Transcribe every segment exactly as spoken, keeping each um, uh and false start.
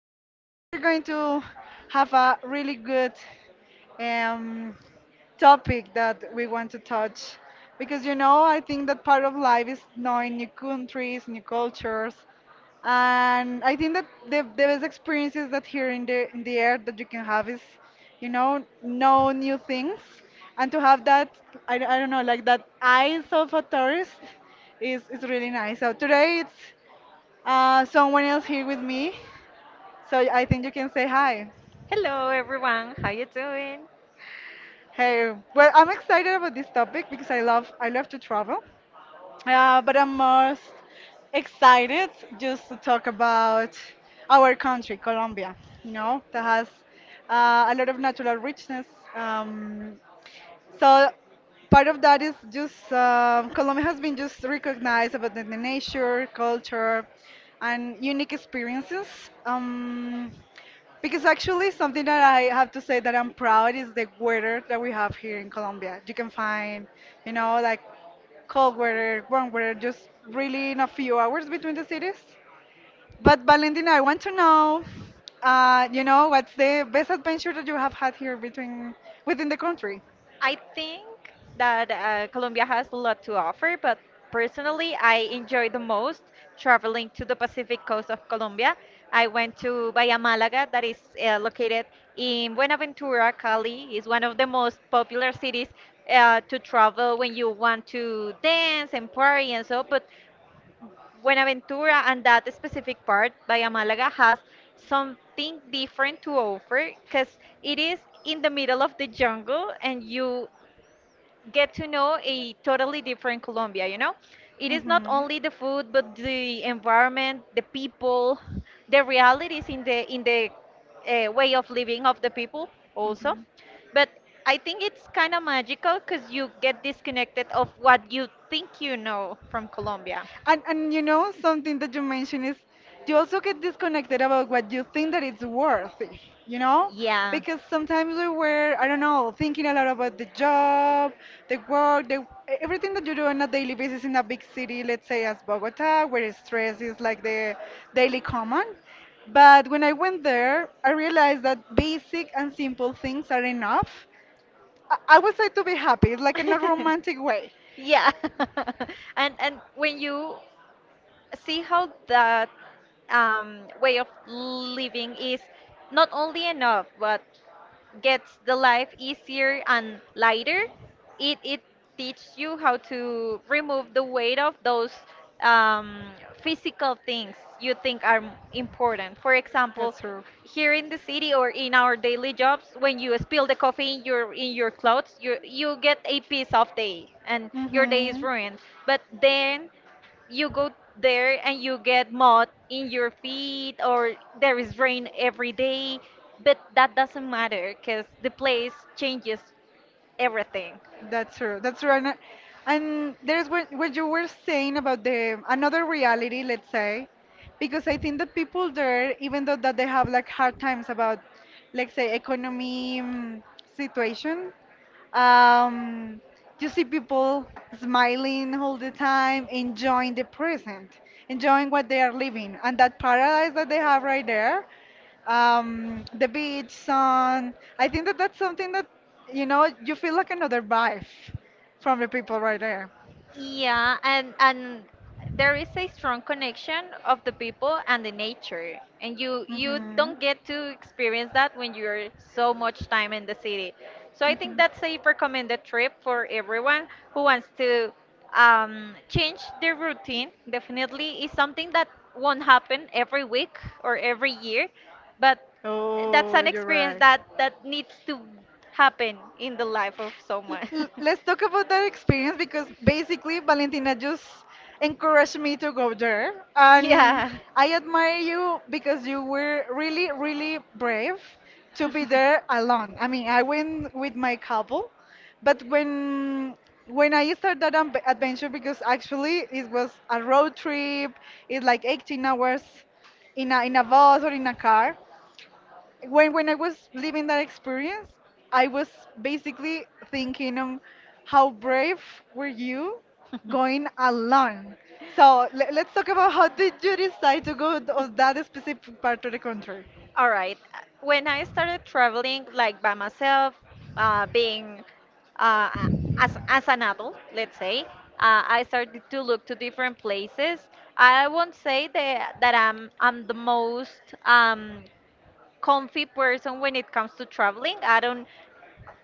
so today we're going to have a really good um, topic that we want to touch because you know I think that part of life is knowing new countries, new cultures, and I think that the, the best experiences that here in the in the air that you can have is, you know, know new things, and to have that I, I don't know like that eyes of a tourist is is really nice. So today it's uh, someone else here with me, so I think you can say hi. Hello everyone, how you doing? Hey, well, I'm excited about this topic because I love I love to travel. Uh, but I'm most excited just to talk about our country, Colombia, you know, that has uh, a lot of natural richness. Um, so part of that is just um Colombia has been just recognized about the, the nature, culture, and unique experiences. Um, because actually, something that I have to say that I'm proud is the weather that we have here in Colombia. You can find, you know, like cold weather, warm weather, just really in a few hours between the cities. But Valentina, I want to know, uh, you know, what's the best adventure that you have had here between within the country? I think that uh, Colombia has a lot to offer, but personally I enjoy the most traveling to the Pacific coast of Colombia. I went to Bahia Málaga that is uh, located in Buenaventura, Cali. It's one of the most popular cities uh, to travel when you want to dance and party and so, but Buenaventura and that specific part by Amalaga has something different to offer because it is in the middle of the jungle and you get to know a totally different Colombia, you know? It is not Hmm. only the food but the environment, the people, the realities in the in the uh, way of living of the people also. Hmm. But I think it's kind of magical because you get disconnected of what you think you know from Colombia. And and you know something that you mentioned is you also get disconnected about what you think that it's worthy, you know? Yeah. Because sometimes we were, I don't know, thinking a lot about the job, the work, the everything that you do on a daily basis in a big city, let's say as Bogota, where stress is like the daily common. But when I went there, I realized that basic and simple things are enough. I I would say to be happy, like in a romantic way. Yeah. And and when you see how that um, way of living is not only enough, but gets the life easier and lighter. It it teaches you how to remove the weight of those um, physical things you think are m- important. For example, Example, true. here in the city or in our daily jobs, when you spill the coffee in your in your clothes, you you get a piece of day and your day is Mhm. ruined. But then you go there and you get mud in your feet or there is rain every day but that doesn't matter because the place changes everything. That's true. That's true. And, and there's what, what you were saying about the another reality, let's say, because I think that people there, even though that they have like hard times about, let's say, economy mm, situation. Um, you see people smiling all the time, enjoying the present, enjoying what they are living, and that paradise that they have right there. Um, the beach, sun. I think that that's something that, you know, you feel like another vibe from the people right there. Yeah, and and there is a strong connection of the people and the nature, and you you Mhm. don't get to experience that when you're so much time in the city. So I think Mhm. that's a recommended trip for everyone who wants to um, change their routine. Definitely is something that won't happen every week or every year, but that's Oh, an you're experience right. that that needs to happen in the life of L- someone. l- Let's talk about that experience because basically Valentina just encouraged me to go there. And Yeah. I admire you because you were really, really brave to be there alone. I mean, I went with my couple, but when when I started that am- adventure, because actually it was a road trip, it's like eighteen hours in a in a bus or in a car when when I was living that experience, I was basically thinking on how brave were you going alone. So le- let's talk about how did you decide to go th- on that specific part of the country? All right. Uh, When I started traveling like by myself, uh, being uh, as as an adult, let's say, uh, I started to look to different places. I won't say that that I'm I'm the most um, comfy person when it comes to traveling. I don't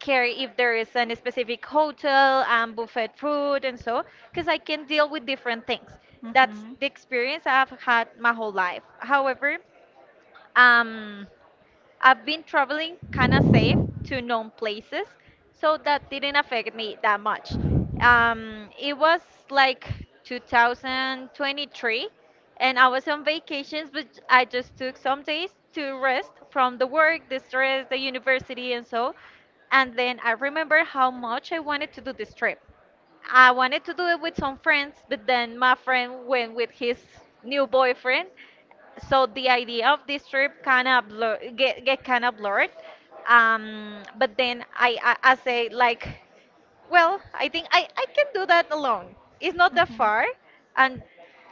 care if there is a specific hotel and buffet food and so, because I can deal with different things. That's the experience I've had my whole life. However, um, I've been traveling kind of safe to known places, so that didn't affect me that much. Um, it was like two thousand twenty-three, and I was on vacations, but I just took some days to rest from the work, the stress, the university, and so. And then I remember how much I wanted to do this trip. I wanted to do it with some friends, but then my friend went with his new boyfriend, so the idea of this trip kind of blur get, get kind of blurred. Um but then I, I i say like, well, I think i i can do that alone. It's not that far and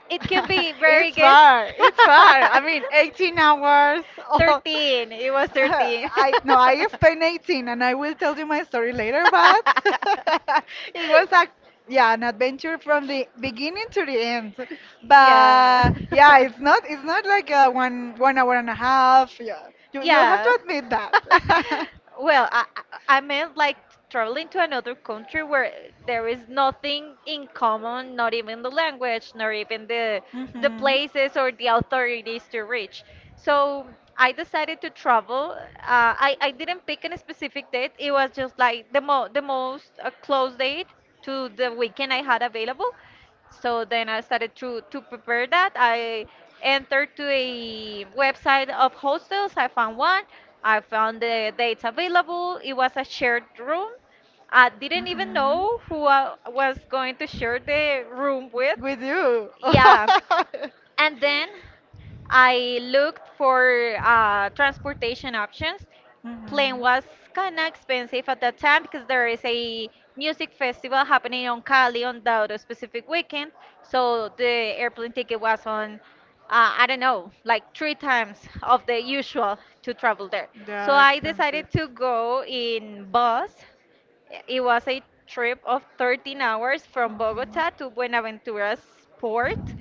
it can be very It's good. far. It's far. I mean, eighteen hours. Oh. thirteen, it was thirteen. I No, I spent eighteen, and I will tell you my story later. But it was a yeah, an adventure from the beginning to the end. Yeah. But yeah, it's not it's not like a one one hour and a half. Yeah, you you have Yeah. to admit that. Well, I I I meant like traveling to another country where there is nothing in common, not even the language, nor even the the Mhm. places or the authorities to reach. So I decided to travel. Uh, I I didn't pick a specific date. It was just like the mo the most uh, close date to the weekend I had available. So then I started to to prepare that. I entered to a website of hostels. I found one. I found the dates available. It was a shared room. I didn't even know who I was going to share the room with. We do. Yeah. And then I looked for uh, transportation options. Plane was kind of expensive at that time because there is a music festival happening on Cali on that specific weekend. So the airplane ticket was on, uh, I don't know, like three times of the usual to travel there. They So are I expensive. decided to go in bus. It was a trip of thirteen hours from Mhm. Bogota to Buenaventura's port.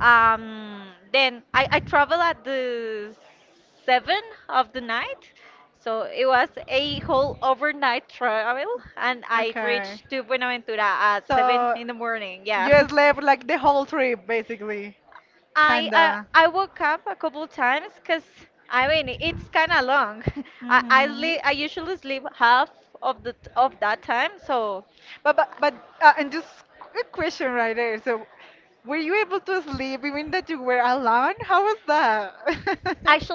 Um, then I, I traveled at the seven of the night. So it was a whole overnight travel and I Okay. reached to Buenaventura at seven So in the morning. Yeah. you slept like the whole trip, basically. I I, Kinda. I woke up a couple times because I mean it's kind of long. I I, Mhm. li- I usually sleep half of the t- of that time, so But but but uh, and just a question right there. So, were you able to sleep even that you were alone? How was that?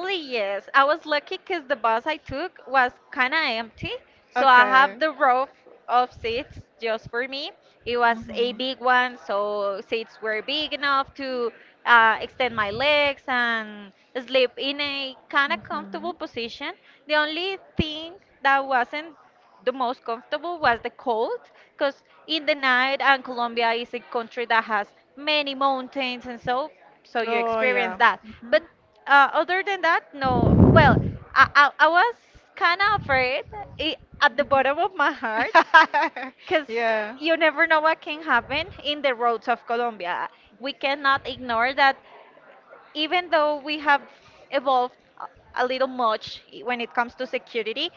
yes. I was lucky because the bus I took was kind of empty. So I have Okay. the row f- of seats just for me. It was a big one, so seats were big enough to uh, extend my legs and sleep in a kind of comfortable position. The only thing that wasn't the most comfortable was the cold because in the night and Colombia is a country that has many mountains and so so you Oh experience yeah. that but Mhm. uh, other than that, no. Well, I, I, I was kind of afraid I at the bottom of my heart because yeah. you never know what can happen in the roads of Colombia. We cannot ignore that even though we have evolved a a little much when it comes to security,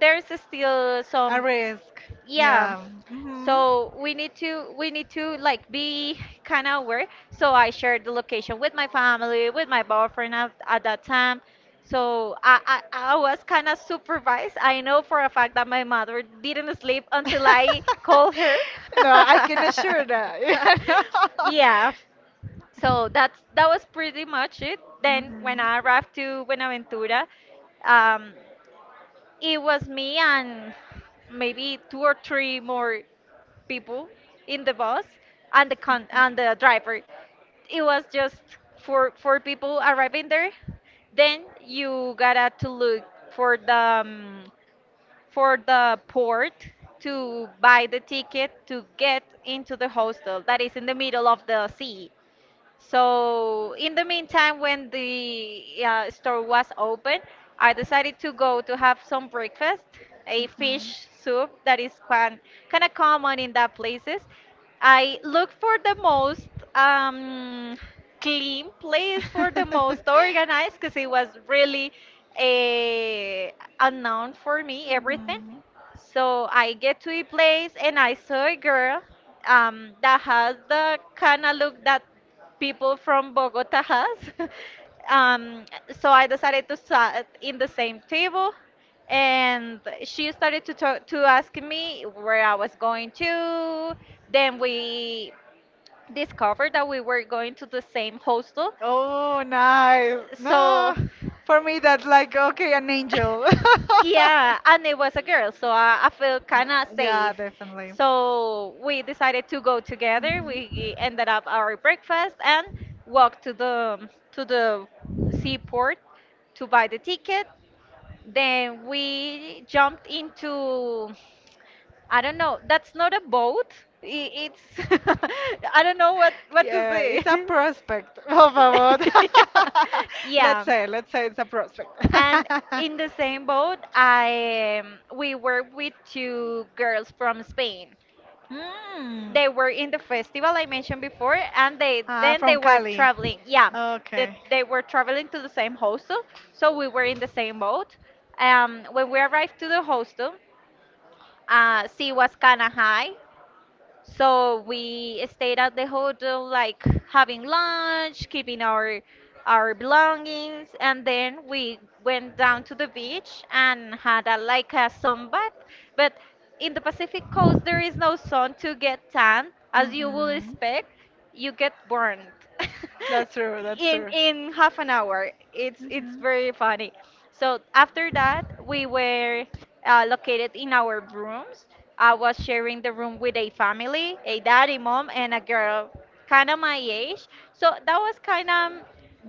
there's still A some, risk. yeah. Yeah. Hmm. So we need to we need to like be kind of aware. So I shared the location with my family, with my boyfriend at, at that time, so i i, I was kind of supervised. I know for a fact that my mother didn't sleep until I called her. No, I can assure that. Yeah, Yeah. no. So that's, that was pretty much it. Then when I arrived to Buenaventura, um, it was me and maybe two or three more people in the bus and the con- and the driver. It was just for for people arriving there. Then you gotta to look for the um, for the port to buy the ticket to get into the hostel that is in the middle of the sea. So in the meantime, when the uh, store was open, I decided to go to have some breakfast, a fish soup that is quite kind of common in that places. I look for the most um, clean place for the most organized because it was really a unknown for me everything. So I get to a place and I saw a girl um, that has the kind of look that people from Bogota has. um, so I decided to sit in the same table, and she started to talk, to ask me where I was going to. Then we discovered that we were going to the same hostel, Oh, nice. so. No, for me that's like okay, an angel. Yeah, and it was a girl, so I, I felt kind of Yeah, safe. definitely. So we decided to go together. Mhm. We ended up our breakfast and walked to the to the seaport to buy the ticket. Then we jumped into, I don't know, that's not a boat. I- It's I don't know what what to Yeah, say. it's a prospect, por favor. Yeah. Let's Yeah. say, let's say it's a prospect. And And. in the same boat, I um, we worked with two girls from Spain. Hmm. They were in the festival I mentioned before, and they Ah, then they from were Cali. traveling. Yeah, Yeah. they, Okay. they were traveling to the same hostel, so we were in the same boat. Um, when we arrived to the hostel, uh, sea was kind of high, so we stayed at the hotel, like having lunch, keeping our our belongings, and then we went down to the beach and had a like a sunbath. But in the Pacific coast, there is no sun to get tan, as you would expect. You get burned That's true. That's in true. in half an hour. It's it's Mhm. very funny. So after that, we were uh, located in our rooms. I was sharing the room with a family, a daddy, mom, and a girl kind of my age. So that was kind of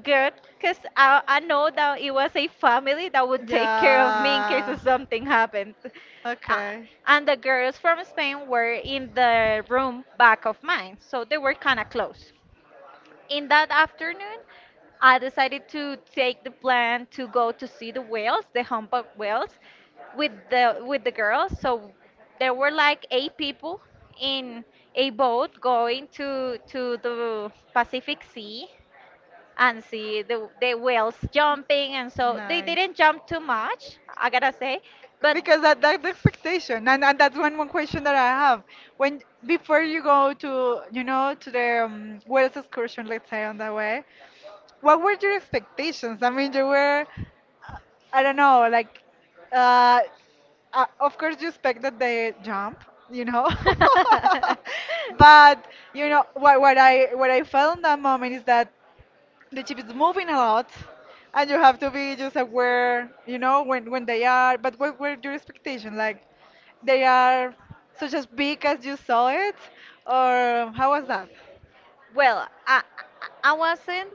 good because I, I know that it was a family that would take care of me in case Yeah. of something happened. Uh, Okay. and the girls from Spain were in the room back of mine, so they were kind of close. In that afternoon, I decided to take the plan to go to see the whales, the humpback whales, with the with the girls. So there were like eight people in a boat going to to the Pacific Sea and see the the whales jumping. And so they Nice. didn't jump too much, I gotta say, but Because that that's the expectation, and, and that's one one question that I have. When before you go to you know to the um, Wales excursion, let's say on the way, what were your expectations? I mean, you were, uh, I don't know, like, uh, uh, of course you expect that they jump you know yeah. but you know what, what i what i felt in that moment is that the chip is moving a lot, and you have to be just aware you know when when they are. But what were your expectation? Like they are such as big as you saw it, or how was that? Well, I, I wasn't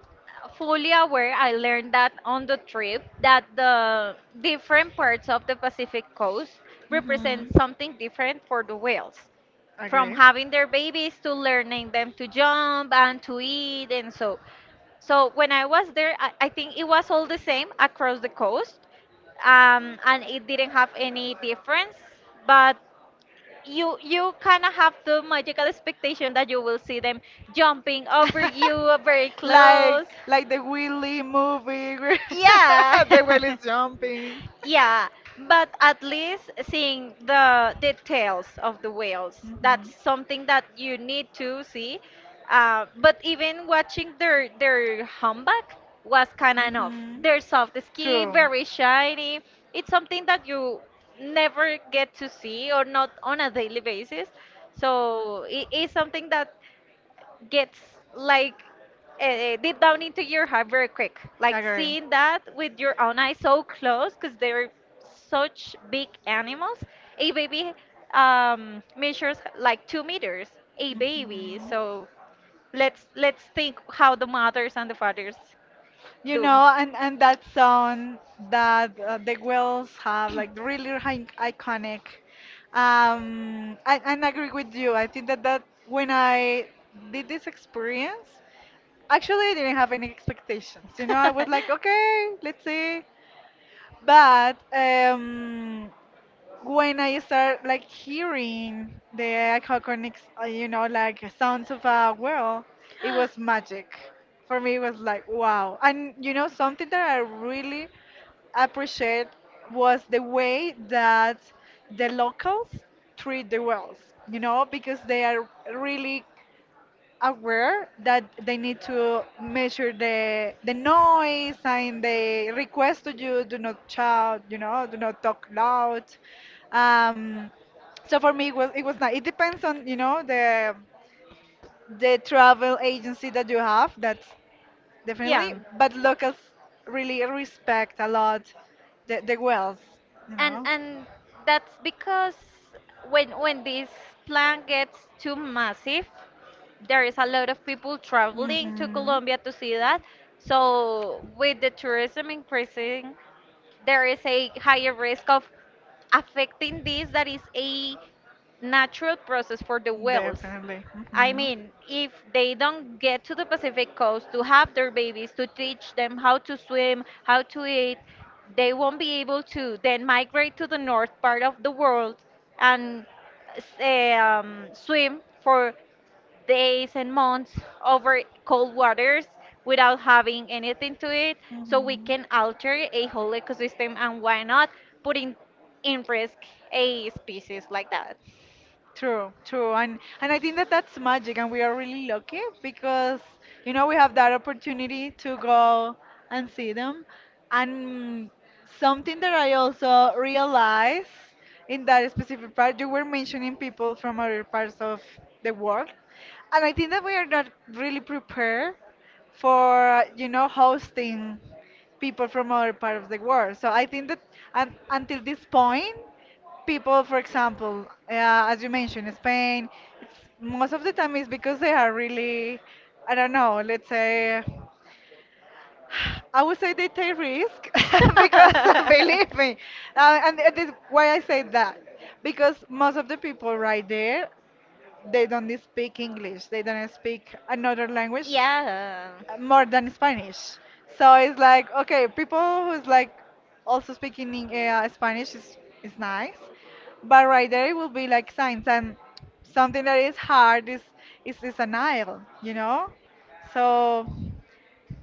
fully aware. I learned that on the trip that the different parts of the Pacific coast Hmm. represent something different for the whales. From Agree. having their babies to learning them to jump and to eat and so. So when I was there, I, I think it was all the same across the coast, um, and it didn't have any difference. But you you kind of have the magical expectation that you will see them jumping over you very like close. like the Willy movie where Yeah. the whale is jumping. Yeah, but at least seeing the details of the whales, that's something that you need to see. Uh, but even watching their their humpback was kind of Mhm. enough. Mhm. Their soft skin, True. very shiny. It's something that you never get to see, or not on a daily basis. So it is something that gets like uh, deep down into your heart very quick, like Agree. seeing that with your own eyes so close, because they're such big animals. A baby um, measures like two meters. A baby. Mhm. So let's let's think how the mothers and the fathers You do. know, and and that song that uh, the Wills have like really hi- iconic. Um, I and I agree with you. I think that that when I did this experience, actually I didn't have any expectations. You know, I was like, okay, let's When see. But um, I when I serve start like like that, hearing the iconic, uh, you know, like sounds sounds of fun. a world, it was magic. For me, it was like wow. And you know, something that I really appreciate was the way that the locals treat the whales. You know, because they are really aware that they need to measure the the noise and they request to you do not shout, you know, do not talk loud. Um, so for me, it was it was not. It depends on you know the the travel agency that you have. That's Yeah, definitely. But locals really respect a lot the, the wells, you and know. and that's because when when this plan gets too massive, there is a lot of people traveling to Mhm. Colombia to see that. So with the tourism increasing, there is a higher risk of affecting this that is a natural process for the whales. Definitely. I Mhm. mean, if they don't get to the Pacific coast to have their babies, to teach them how to swim, how to eat, they won't be able to then migrate to the north part of the world and s- eh, um, swim for days and months over cold waters without having anything to it. So we can alter a whole ecosystem, and why not putting in risk a species like that? True, true, and and I think that that's magic, and we are really lucky because you know we have that opportunity to go and see them, and something that I also realized in that specific part, you were mentioning people from other parts of the world, and I think that we are not really prepared for you know hosting people from other parts of the world. So I think that um, until this point people, for example, uh, as you mentioned, Spain, it's, most of the time is because they are really, I don't know, let's say, I would say they take risk because believe me, uh, and it is why I say that because most of the people right there they don't speak English, they don't speak another language Yeah, more than Spanish. So it's like okay, people who's like also speaking in, uh, Spanish is is nice, but right there it will be like signs and something that is hard is is is an aisle, you know. So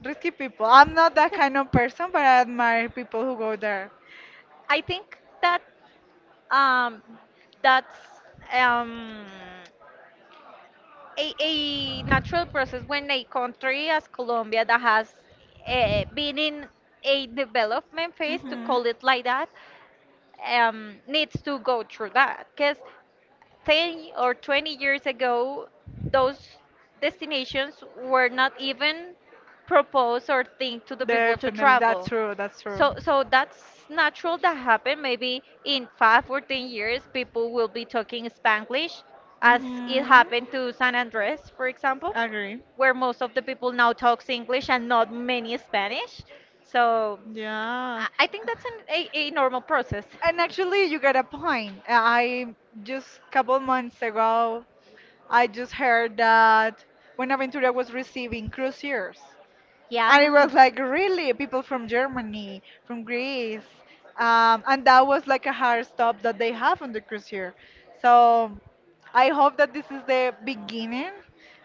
risky people. I'm not that kind of person, but I admire people who go there. I think that um, that's um, a, a natural process when a country as Colombia that has uh, been in a development phase, to Mhm. call it like that, um, needs to go through that. Because ten or twenty years ago, those destinations were not even proposed or think to the people to Definitely, that's travel. true, that's true. So, so that's natural that happen. Maybe in five or ten years, people will be talking Spanglish, as it Hmm. happened to San Andres, for example, Agree. where most of the people now talks English and not many Spanish. So, Yeah. I I think that's an, a, a normal process. And actually, you got a point. I just couple months ago, I just heard that Buenaventura was receiving cruise years. And it Yeah. was like really people from Germany, from Greece, um, and that was like a hard stop that they have on the cruise here. So I hope that this is the beginning,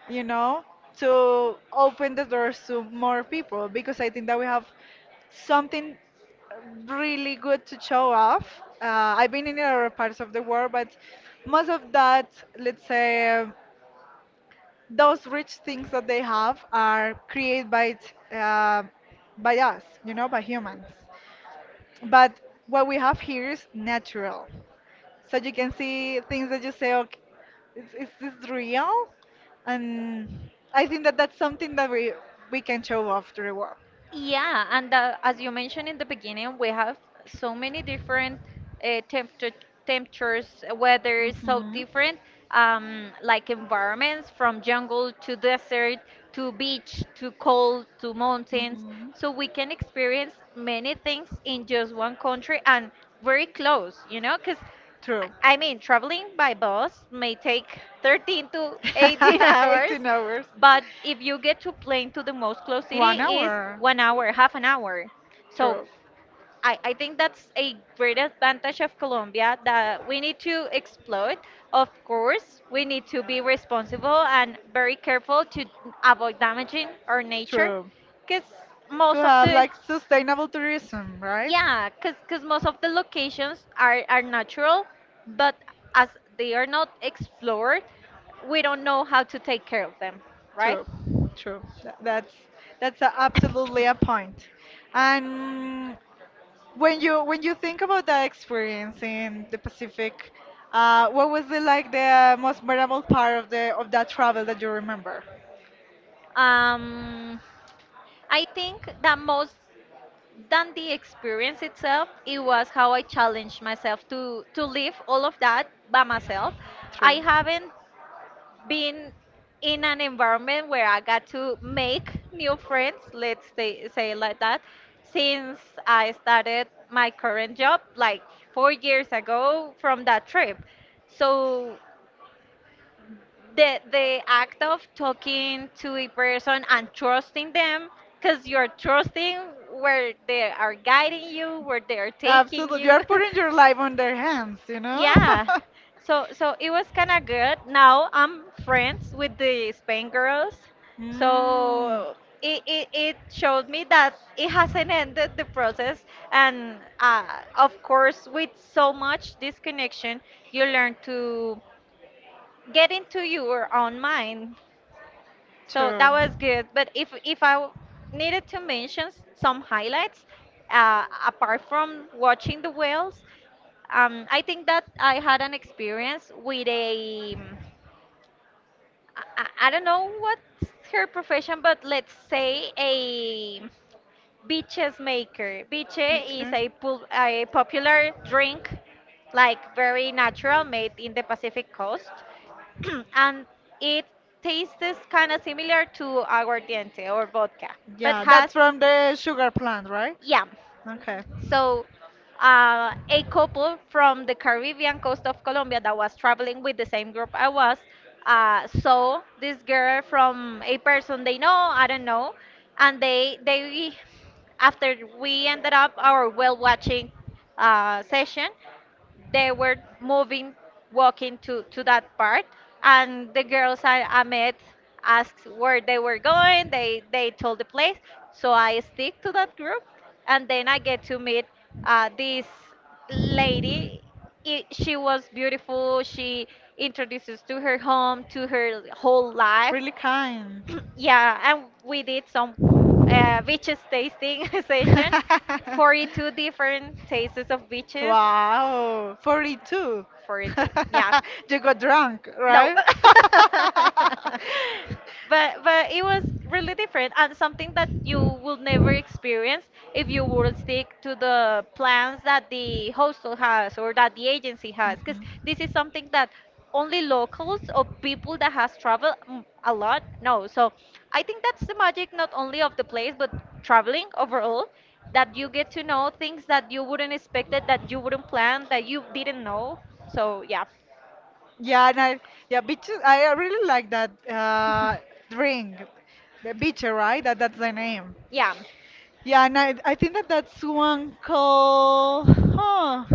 you know, to open the doors to more people because I think that we have something really good to show off. Uh, I've been in other parts of the world, but most of that, let's say those rich things that they have are created by uh, by us, you know, by humans. But what we have here is natural. So you can see things that you say, okay, is, is this real? And I think that that's something that we we can show off to the world. Yeah, and uh, as you mentioned in the beginning, we have so many different uh, temperature, temperatures, uh, weather is so Hmm. different, um, like environments from jungle to desert to beach to cold to mountains. So we can experience many things in just one country, and very close, you know, because I True. I mean, traveling by bus may take thirteen to eighteen hours, eighteen hours. but if you get to plane to the most close city One is hour. one hour, half an hour. So True. I, I think that's a great advantage of Colombia that we need to exploit. Of course, we need to be responsible and very careful to avoid damaging our nature, True. because To most of have the like sustainable tourism, right? yeah, cause, 'cause most of the locations are, are natural, but as they are not explored, we don't know how to take care of them, right? True, true. Tha- That's that's a- absolutely a point. And when you when you think about that experience in the Pacific, uh, what was the like the most memorable part of the of that travel that you remember? um, I think that most than the experience itself, it was how I challenged myself to to live all of that by myself. I haven't being in an environment where I got to make new friends, let's say, say it like that, since I started my current job like four years ago from that trip. So the the act of talking to a person and trusting them, because you're trusting where they are guiding you, where they are taking Absolutely. You you. are putting your life on their hands, you know? Yeah. So so it was kind of good. Now I'm friends with the Spain girls. mm, So it, it, it showed me that it hasn't ended the process. And uh, of course, with so much disconnection, you learn to get into your own mind, so true. that was good. But if if I w- needed to mention s- some highlights, uh, apart from watching the whales, um, I think that I had an experience with a um, I, I I don't know what's her profession, but let's say a Biches maker. Biche is a, pul- a popular drink, like very natural, made in the Pacific coast. And it tastes kind of similar to aguardiente or vodka, but Yeah, that's has from the sugar plant, right? yam. Okay. So, uh, a couple from the Caribbean coast of Colombia that was traveling with the same group I was uh, saw this girl from a person they know, I don't know, and they they after we ended up our whale watching uh, session, they were moving, walking to, to that part. And the girls I, I met asked where they were going. They, they told the place. So I stick to that group. And then I get to meet uh, this lady. I She was beautiful. She introduces to her home, to her whole life. Really kind. Yeah, and we did some uh, beaches tasting session. forty-two different tastes of beaches. Wow, forty-two. forty-two. Yeah. You got drunk, No. right? But but it was really different and something that you will never experience if you would stick to the plans that the hostel has or that the agency has, because this is something that only locals or people that has traveled mm, a lot know. So I think that's the magic not only of the place but traveling overall, that you get to know things that you wouldn't expect, that you wouldn't plan, Mhm. that you didn't know. So yeah. Yeah, and I yeah, bitter. I I really like that uh, drink, the bitter, right? That that's the name. Yeah. Yeah, and I I think that that's one called. Huh.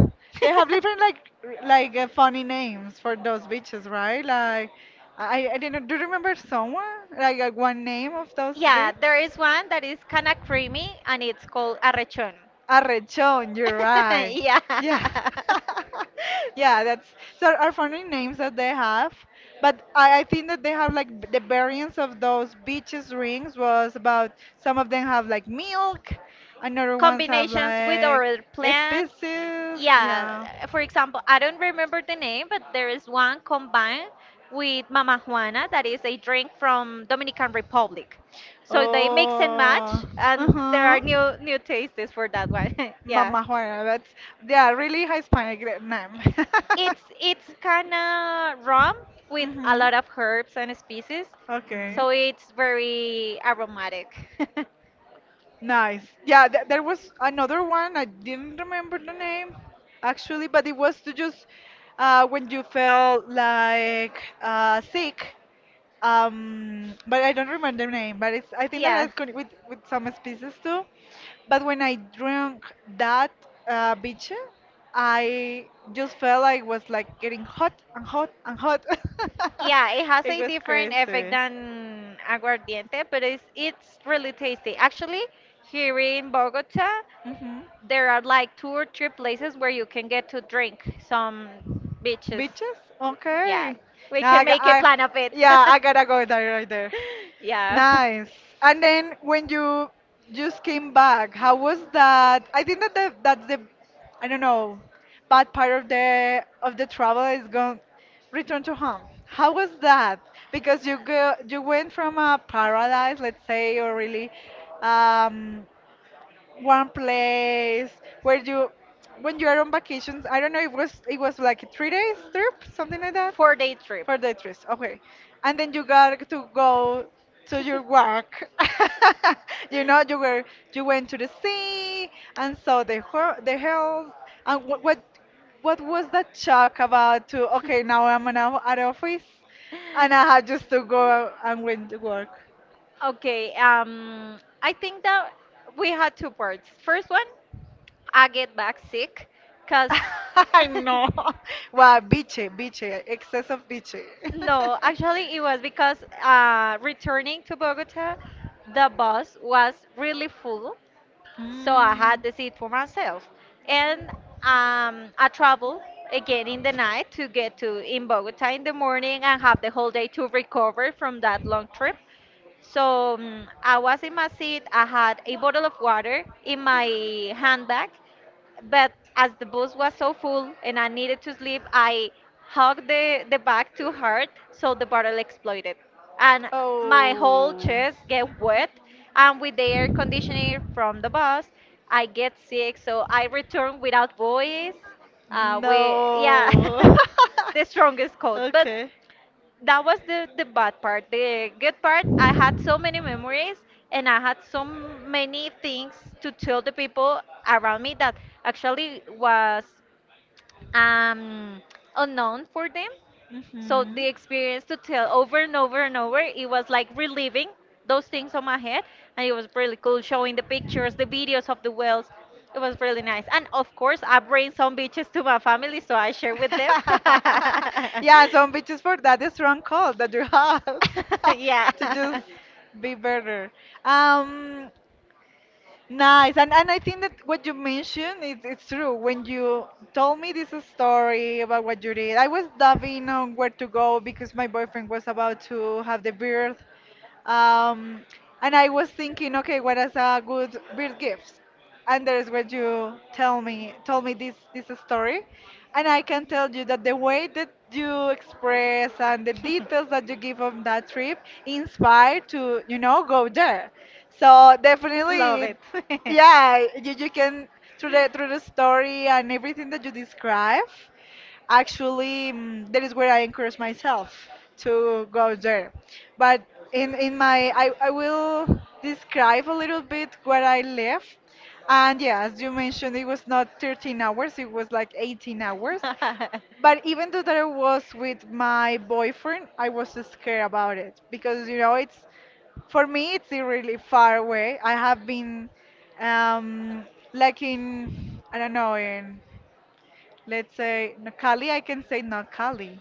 They have different like r- like uh, funny names for those beaches, right? Like I I didn't. Do you remember someone like uh, one name of those Yeah, drinks? there is one that is kind of creamy and it's called arrechon. Arrechon, you're right. Yeah. Yeah. Yeah, that's so are funny names that they have. But I, I think that they have like b- the variants of those beaches rings was about some of them have like milk, another ones have Combinations with like other plants. species. Yeah, Yeah. for example, I don't remember the name, but there is one combined with Mama Juana that is a drink from Dominican Republic. So they mix and Oh. match, and there Uh-huh. are new new tastes for that one. Yeah, Mama Juana, that's yeah, really Hispanic that name. it's it's kind of rum with a Hmm. lot of herbs and species, Okay. so it's very aromatic. Nice. Yeah, th there was another one. I didn't remember the name actually, but it was to just uh, when you felt like uh, sick. Um, but I don't remember the name. But it's I think that Yeah. has con with with some species too. But when I drank that uh, beer, I just felt like it was like getting hot and hot and hot. Yeah, it has it a was different effect crazy. than aguardiente, but it's it's really tasty. Actually, here in Bogota, Hmm. there are like two or three places where you can get to drink some beaches. Beaches? Yeah, Okay. we Now I, can got, make a I, plan of it. yeah, I gotta go there right there. Yeah, Nice. And then when you just came back, how was that? I think that the, that's the, I don't know, bad part of the of the travel is going return to home. How was that? Because you go you went from a paradise, let's say, or really um, one place where you when you are on vacations. I don't know, it was it was like a three days trip, something like that. four day trip. For the actress, okay. And then you got to go to your work. You know, you were you went to the sea and saw the hor- the hills. And what what what was that shock about? To okay, now I'm in a at office, and I had just to go and went to work. Okay, um, I think that we had two parts. First one, I get back sick, cause I know. Wow, biche, biche, excess of biche. no, actually it was because uh, returning to Bogota, the bus was really full. So I 嗯，had the seat for myself. And um, I travel again in the night to get to in Bogota in the morning and have the whole day to recover from that long trip. So mm, I was in my seat. I had a bottle of water in my handbag, but as the bus was so full and I needed to sleep, I hugged the, the bag too hard, so the bottle exploded. And my whole chest get wet. And with the air conditioning from the bus, I get sick. So I return without voice. Uh, we, yeah, No. the strongest cold. But Okay. that was the the bad part. The good part, I had so many memories and I had so many things to tell the people around me that actually was um unknown for them. So Mhm. the experience to tell over and over and over, it was like reliving those things on my head, and it was really cool showing the pictures, the videos of the wells. It was really nice, and of course, I bring some beaches to my family, so I share with them. yeah, some bitches for that strong call that you have. Yeah. To just be better. Um, Nice. And and I think that what you mentioned is it's true. When you told me this story about what you did, I was diving on where to go because my boyfriend was about to have the birth. Um, and I was thinking, okay, what is a good birth gift? And there's what you tell me told me this this story. And I can tell you that the way that you express and the details that you give on that trip inspired to, you know, go there. So Love it. definitely, yeah, you, you can through the through the story and everything that you describe, actually mm, that is where I encourage myself to go there. But in in my I, I will describe a little bit where I live. And yeah, as you mentioned, it was not thirteen hours, it was like eighteen hours. But even though that I was with my boyfriend, I was scared about it because you know it's for me it's really far away. I have been um like in I don't know in let's say Nocali, I can say Nocali.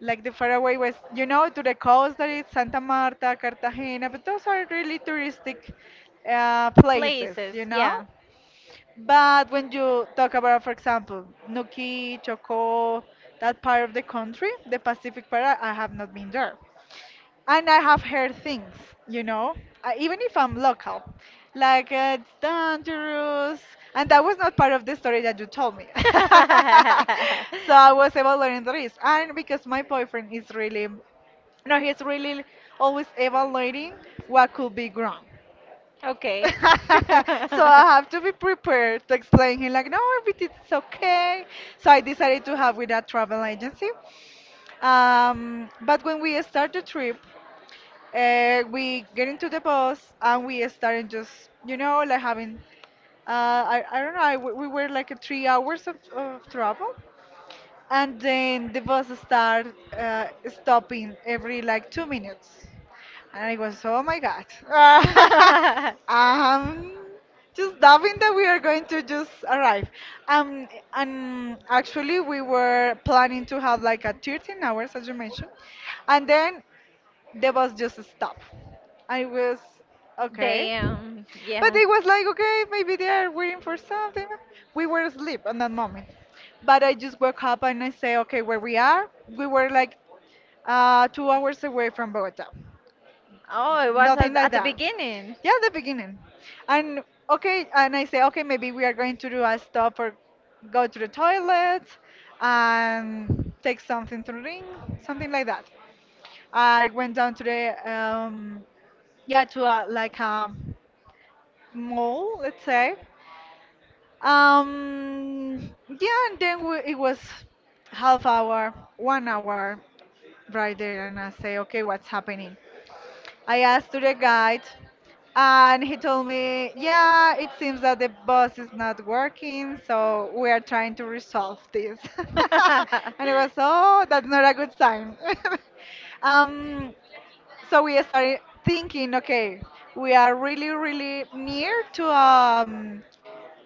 Like the faraway west, you know, to the coast that is Santa Marta, Cartagena, but those are really touristic uh, places, Places, you know. yeah. But when you talk about, for example, Nuki, Chocó, that part of the country, the Pacific part, I I have not been there and I have heard things, you know, uh, even if I'm local, like uh, it's dangerous, and that was not part of the story that you told me. So I was evaluating the risk, and because my boyfriend is really, no, he's really always evaluating what could be wrong. Okay. So I have to be prepared to explain him like no everything's okay. So I decided to have with a travel agency. Um, but when we start the trip, uh, we get into the bus and we started just, you know, like having, uh, I, I don't know, I, we we were like a three hours of, of travel. And then the bus started uh, stopping every like two minutes. And I was, oh my God. um, just doubting that we are going to just arrive. Um, and actually, we were planning to have like a thirteen hours, as you mentioned. And then there was just a stop. I was okay. Damn. But Yeah. it was like, okay, maybe they are waiting for something. We were asleep at that moment. But I just woke up and I say, okay, where we are, we were like uh, two hours away from Bogota. Oh, it was Nothing at, like at the that. beginning. Yeah, the beginning. And okay, and I say, okay, maybe we are going to do a stop or go to the toilet and take something to drink, something like that. I went down to the um, yeah to a, like a mall, let's say. Um, yeah, and then we, it was half hour, one hour right there, and I say, okay, what's happening? I asked to the guide, and he told me, yeah, it seems that the bus is not working, so we are trying to resolve this. And I was, oh, that's not a good sign. um, so we started thinking, okay, we are really, really near to um,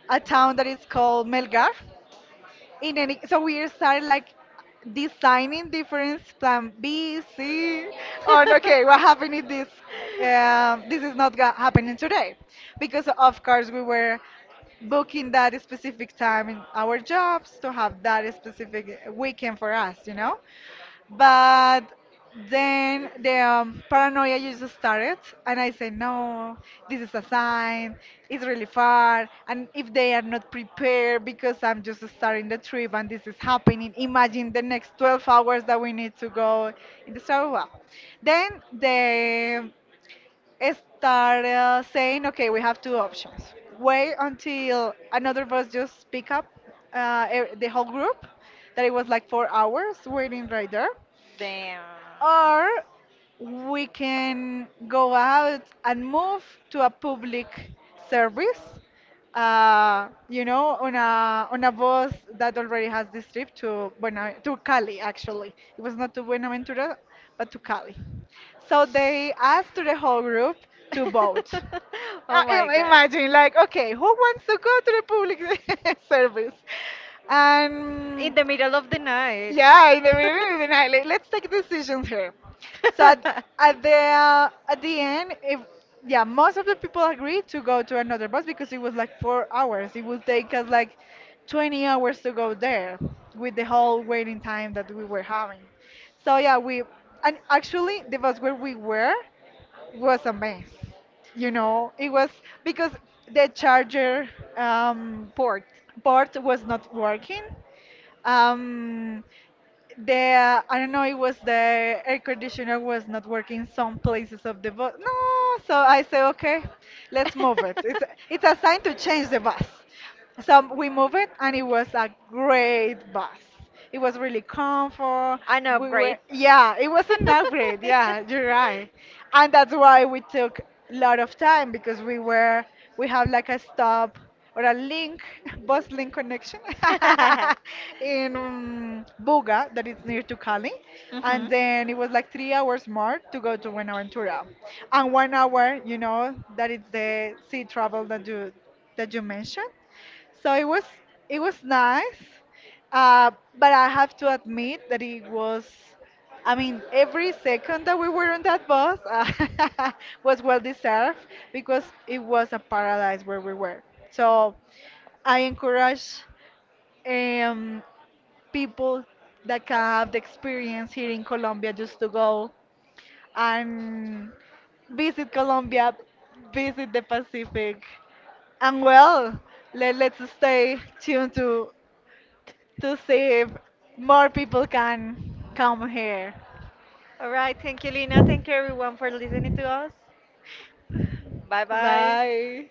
a town that is called Melgar. In any, so we started like designing different plan B, C, on okay, what happened if this um, this is not ga- happening today, because of course we were booking that specific time in our jobs to have that specific weekend for us, you know. But then the um, paranoia just started, and I said, no, this is a sign, it's really far. And if they are not prepared because I'm just starting the trip and this is happening, imagine the next twelve hours that we need to go in the Star Wow. Then they started saying, okay, we have two options. Wait until another bus just pick up uh, e- the whole group, that it was like four hours waiting right there, Damn. or we can go out and move to a public service, uh, you know, on a on a bus that already has this trip to Buena, to Cali actually. It was not to Buenaventura, but to Cali. So they asked to the whole group to vote. Uh, oh my im- god. Imagine, like, okay, who wants to go to the public service? And In the middle of the night. yeah, in the middle of the night, like, let's take decisions here. So at, at the uh, at the end, if yeah, most of the people agreed to go to another bus because it was like four hours. It would take us like twenty hours to go there with the whole waiting time that we were having. So yeah, we and actually the bus where we were was a mess. You know, it was because the charger um, Port. port was not working. Um, the I don't know, it was the air conditioner was not working some places of the bus. No, so I say, okay, let's move it. It's it's a sign to change the bus. So we moved it, and it was a great bus. It was really comfort. An We were, upgrade. yeah, it was an upgrade. Yeah, you're right, and that's why we took a lot of time because we were we have like a stop or a link bus link connection in um, Buga that is near to Cali, Hmm. and then it was like three hours more to go to Buenaventura, and one hour, you know, that is the sea travel that you that you mentioned. So it was it was nice, uh, but I have to admit that it was. I mean, every second that we were on that bus uh, was well deserved because it was a paradise where we were. So I encourage um, people that can have the experience here in Colombia just to go and visit Colombia, visit the Pacific, and well, let, let's stay tuned to to see if more people can come here. All right. Thank you, Lina. Thank you, everyone, for listening to us. Bye bye. Bye.